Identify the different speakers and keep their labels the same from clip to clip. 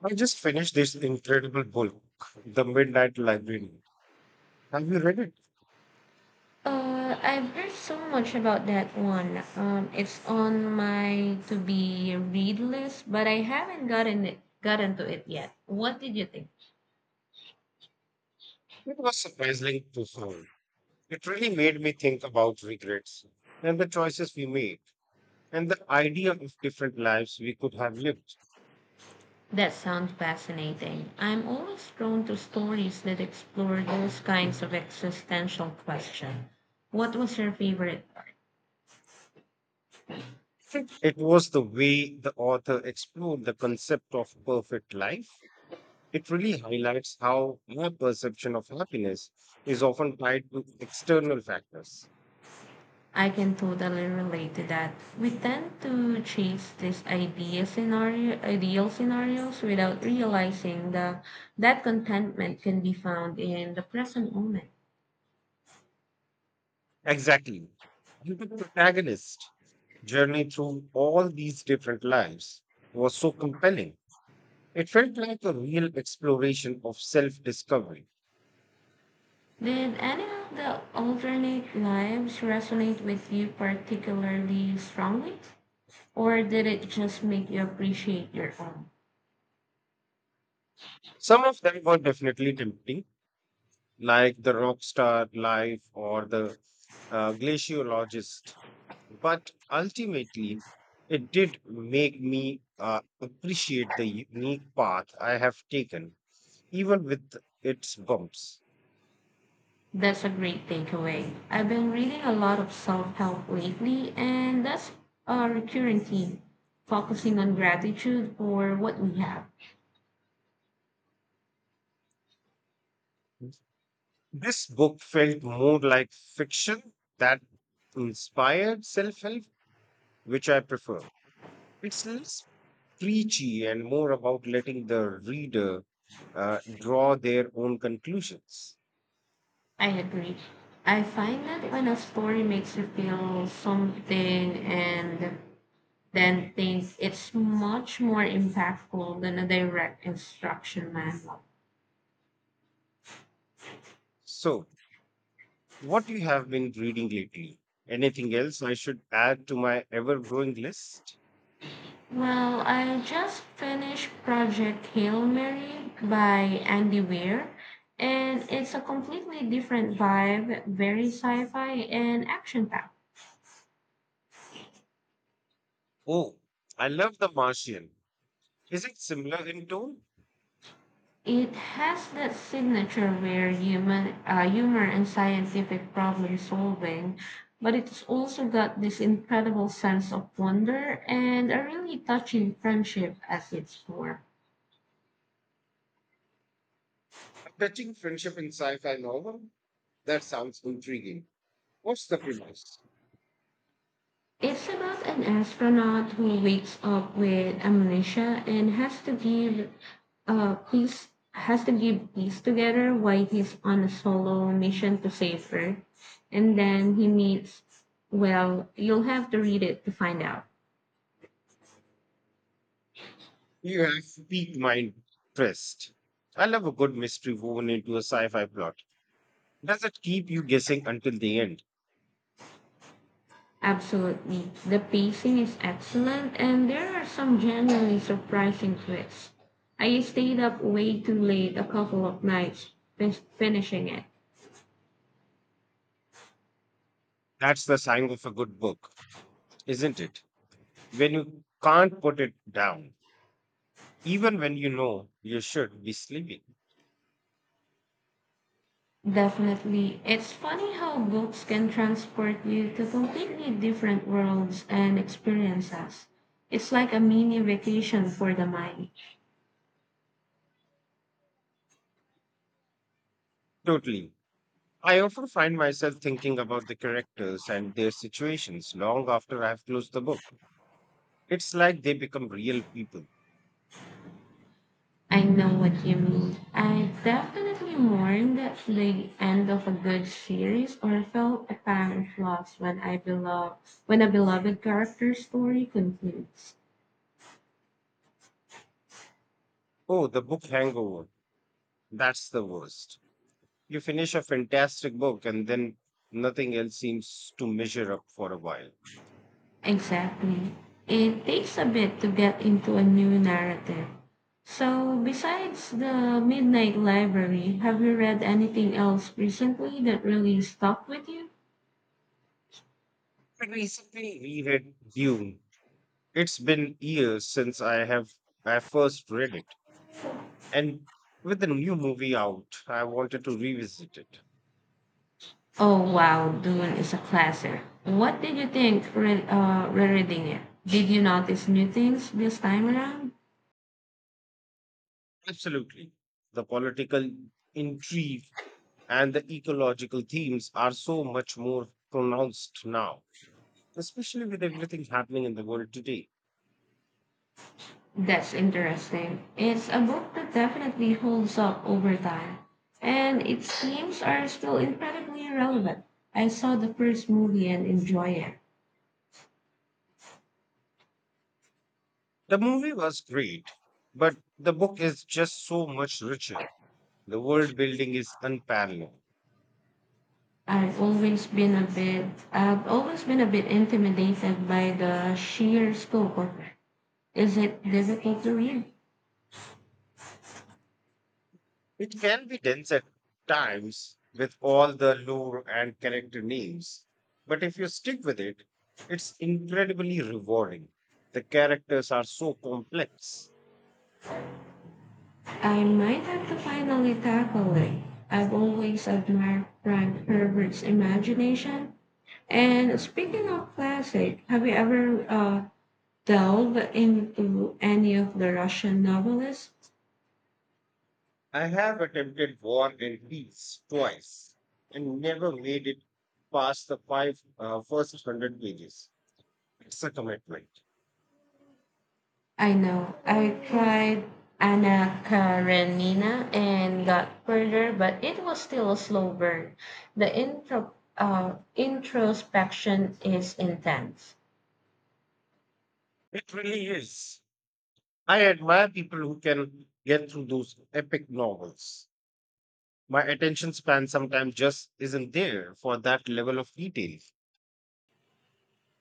Speaker 1: I just finished this incredible book, The Midnight Library. Have you read it?
Speaker 2: I've read so much about that one. It's on my to be read list, but I haven't gotten to it yet. What did you think?
Speaker 1: It was surprisingly profound. It really made me think about regrets and the choices we made and the idea of different lives we could have lived.
Speaker 2: That sounds fascinating. I'm always drawn to stories that explore those kinds of existential questions. What was your favorite?
Speaker 1: I think it was the way the author explored the concept of perfect life. It really highlights how our perception of happiness is often tied to external factors.
Speaker 2: I can totally relate to that. We tend to chase these ideal scenarios without that contentment can be found in the present moment.
Speaker 1: Exactly. And the protagonist's journey through all these different lives was so compelling. It felt like a real exploration of self discovery.
Speaker 2: Did any of the alternate lives resonate with you particularly strongly, or did it just make you appreciate your own?
Speaker 1: Some of them were definitely tempting, like the rock star life or the glaciologist. But ultimately, it did make me appreciate the unique path I have taken, even with its bumps.
Speaker 2: That's a great takeaway. I've been reading a lot of self help lately, and that's a recurring theme focusing on gratitude for what we have.
Speaker 1: This book felt more like fiction that inspired self help, which I prefer. It's less preachy and more about letting the reader draw their own conclusions.
Speaker 2: I agree. I find that when a story makes you feel something and then think, it's much more impactful than a direct instruction manual.
Speaker 1: So, what you have been reading lately? Anything else I should add to my ever growing list?
Speaker 2: Well, I just finished Project Hail Mary by Andy Weir, and it's a completely different vibe, very sci fi and action packed.
Speaker 1: Oh, I love The Martian. Is it similar in tone?
Speaker 2: It has that signature humor and scientific problem solving, but it's also got this incredible sense of wonder and a really touching friendship as its core.
Speaker 1: A touching friendship in sci fi novel? That sounds intriguing. What's the premise?
Speaker 2: It's about an astronaut who wakes up with amnesia and has to give peace together while he's on a solo mission to save her. And then he meets, well, you'll have to read it to find out.
Speaker 1: You have piqued my interest. I love a good mystery woven into a sci fi plot. Does it keep you guessing until the end?
Speaker 2: Absolutely. The pacing is excellent and there are some genuinely surprising twists. I stayed up way too late a couple of nights finishing it.
Speaker 1: That's the sign of a good book, isn't it? When you can't put it down, even when you know you should be sleeping.
Speaker 2: Definitely. It's funny how books can transport you to completely different worlds and experiences. It's like a mini vacation for the mind.
Speaker 1: Totally. I often find myself thinking about the characters and their situations long after I've closed the book. It's like they become real people.
Speaker 2: I know what you mean. I definitely mourned at the end of a good series or felt a pang of loss when a beloved character story concludes.
Speaker 1: Oh, the book hangover. That's the worst. You finish a fantastic book and then nothing else seems to measure up for a while.
Speaker 2: Exactly. It takes a bit to get into a new narrative. So, besides the Midnight Library, have you read anything else recently that really stuck with you?
Speaker 1: I recently reread Dune. It's been years since I first read it. And with the new movie out, I wanted to revisit it.
Speaker 2: Oh, wow, Dune is a classic. What did you think rereading it? Did you notice new things this time around?
Speaker 1: Absolutely. The political intrigue and the ecological themes are so much more pronounced now, especially with everything happening in the world today.
Speaker 2: That's interesting. It's a book that definitely holds up over time, and its themes are still incredibly relevant. I saw the first movie and enjoy it.
Speaker 1: The movie was great, but the book is just so much richer. The world building is unparalleled.
Speaker 2: I've always been a bit, I've always been a bit intimidated by the sheer scope of it. Is it difficult to read?
Speaker 1: It can be dense at times with all the lore and character names, but if you stick with it, it's incredibly rewarding. The characters are so complex.
Speaker 2: I might have to finally tackle it. I've always admired Frank Herbert's imagination. And speaking of classic, have you ever, delve into any of the Russian novelists?
Speaker 1: I have attempted war and peace twice and never made it past the five first hundred pages. It's a commitment.
Speaker 2: I know. I tried Anna Karenina and got further, but it was still a slow burn. The introspection is intense.
Speaker 1: It really is. I admire people who can get through those epic novels. My attention span sometimes just isn't there for that level of detail.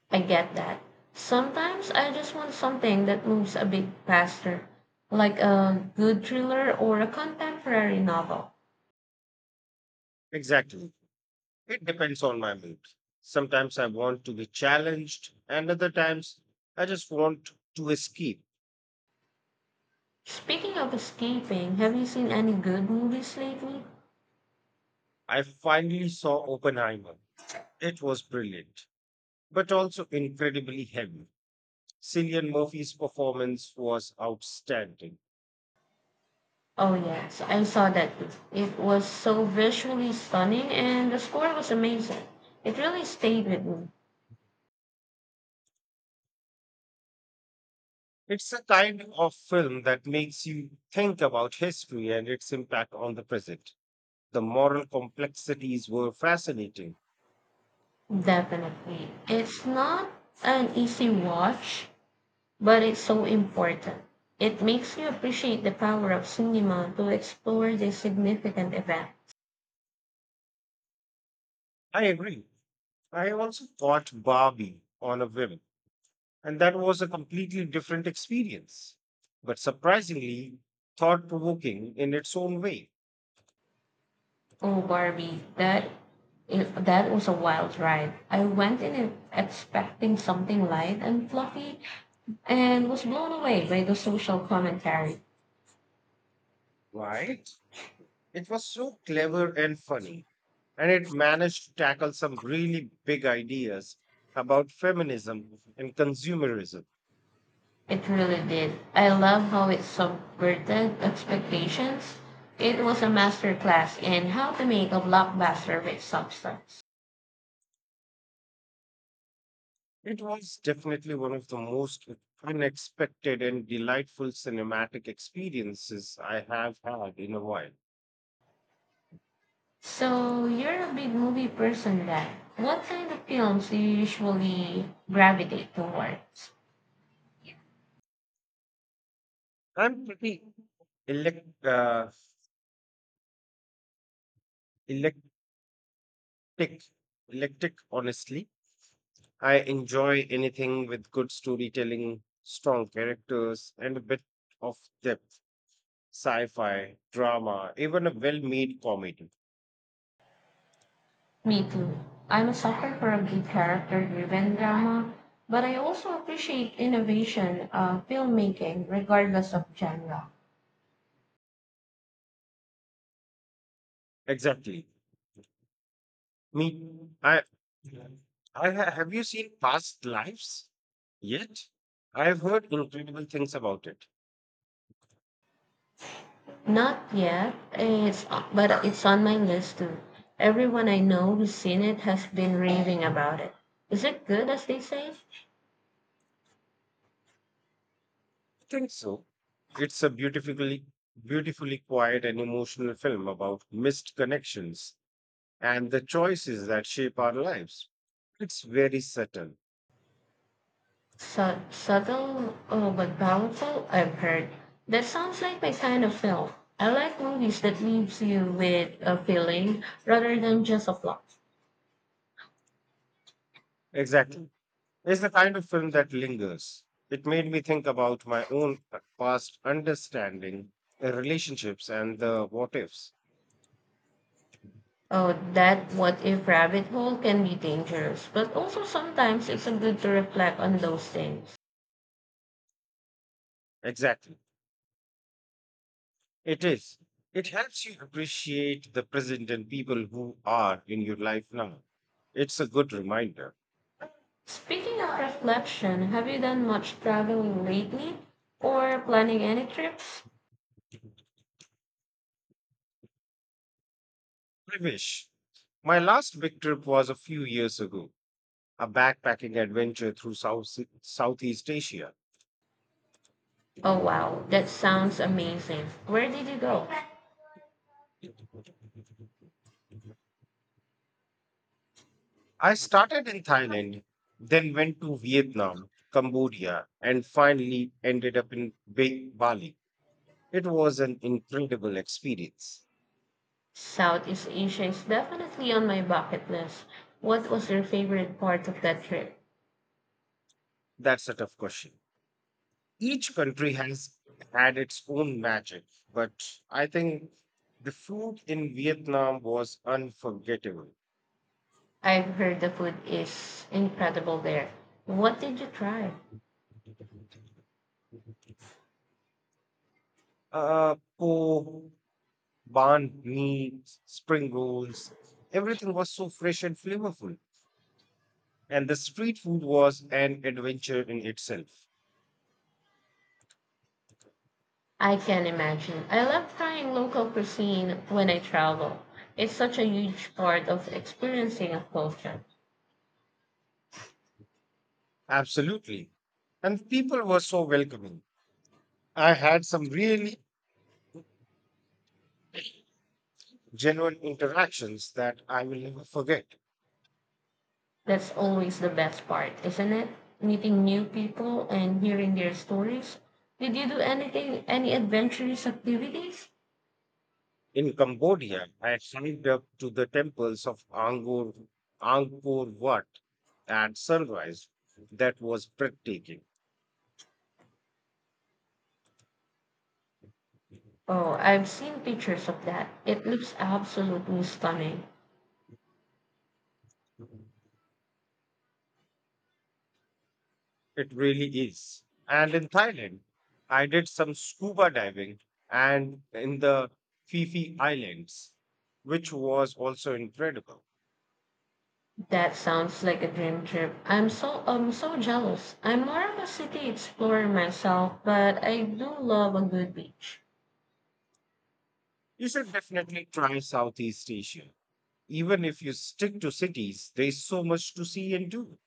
Speaker 2: I get that. Sometimes I just want something that moves a bit faster, like a good thriller or a contemporary novel.
Speaker 1: Exactly. It depends on my mood. Sometimes I want to be challenged, and other times I just want to escape.
Speaker 2: Speaking of escaping, have you seen any good movies lately?
Speaker 1: I finally saw Oppenheimer. It was brilliant, but also incredibly heavy. Cillian Murphy's performance was outstanding.
Speaker 2: Oh yes, I saw that. It was so visually stunning and the score was amazing. It really stayed with me.
Speaker 1: It's a kind of film that makes you think about history and its impact on the present. The moral complexities were fascinating.
Speaker 2: Definitely. It's not an easy watch, but it's so important. It makes you appreciate the power of cinema to explore the significant events.
Speaker 1: I agree. I also caught Barbie on a whim, and that was a completely different experience, but surprisingly thought provoking in its own way.
Speaker 2: Oh Barbie, that was a wild ride. I went in it expecting something light and fluffy and was blown away by the social commentary.
Speaker 1: Right? It was so clever and funny, and it managed to tackle some really big ideas about feminism and consumerism.
Speaker 2: It really did. I love how it subverted expectations. It was a masterclass in how to make a blockbuster with substance.
Speaker 1: It was definitely one of the most unexpected and delightful cinematic experiences I have had in a while.
Speaker 2: So, you're a big movie person then. What kind of films do you usually gravitate towards?
Speaker 1: I'm pretty elect, uh, electric, electric, honestly. I enjoy anything with good storytelling, strong characters, and a bit of depth. Sci fi, drama, even a well made comedy.
Speaker 2: Me too. I'm a sucker for a good character driven drama, but I also appreciate innovation, filmmaking, regardless of genre.
Speaker 1: Exactly. Me, I, I ha- have you seen Past Lives yet? I've heard incredible things about it.
Speaker 2: Not yet. It's But it's on my list too. Everyone I know who's seen it has been raving about it. Is it good as they say?
Speaker 1: I think so. It's a beautifully quiet and emotional film about missed connections and the choices that shape our lives. It's very subtle.
Speaker 2: Subtle, oh, but powerful, I've heard. That sounds like my kind of film. I like movies that leaves you with a feeling rather than just a plot.
Speaker 1: Exactly. It's the kind of film that lingers. It made me think about my own past understanding, relationships, and the what ifs.
Speaker 2: Oh, that what if rabbit hole can be dangerous, but also sometimes it's a good to reflect on those things.
Speaker 1: Exactly. It is. It helps you appreciate the present and people who are in your life now. It's a good reminder.
Speaker 2: Speaking of reflection, have you done much traveling lately or planning any trips?
Speaker 1: I wish. My last big trip was a few years ago, a backpacking adventure through Southeast Asia.
Speaker 2: Oh wow, that sounds amazing. Where did you go?
Speaker 1: I started in Thailand, then went to Vietnam, Cambodia, and finally ended up in Bali. It was an incredible experience.
Speaker 2: Southeast Asia is definitely on my bucket list. What was your favorite part of that trip?
Speaker 1: That's a tough question. Each country has had its own magic, but I think the food in Vietnam was unforgettable.
Speaker 2: I've heard the food is incredible there. What did you try?
Speaker 1: Uh, po, banh mi, spring rolls, everything was so fresh and flavorful. And the street food was an adventure in itself.
Speaker 2: I can imagine. I love trying local cuisine when I travel. It's such a huge part of experiencing a culture.
Speaker 1: Absolutely. And the people were so welcoming. I had some really genuine interactions that I will never forget.
Speaker 2: That's always the best part, isn't it? Meeting new people and hearing their stories. Did you do anything, any adventurous activities?
Speaker 1: In Cambodia, I signed up to the temples of Angkor Wat at sunrise. That was breathtaking.
Speaker 2: Oh, I've seen pictures of that. It looks absolutely stunning.
Speaker 1: It really is. And in Thailand, I did some scuba diving and in the Phi Phi Islands, which was also incredible.
Speaker 2: That sounds like a dream trip. I'm so jealous. I'm more of a city explorer myself, but I do love a good beach.
Speaker 1: You should definitely try Southeast Asia. Even if you stick to cities, there's so much to see and do.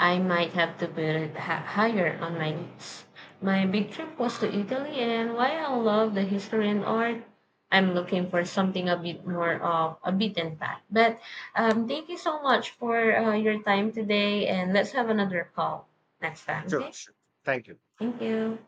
Speaker 2: I might have to build higher on my needs. My big trip was to Italy, and while I love the history and art, I'm looking for something a bit more of a beaten path. But thank you so much for your time today, and let's have another call next time, okay?
Speaker 1: Sure. Thank you.
Speaker 2: Thank you.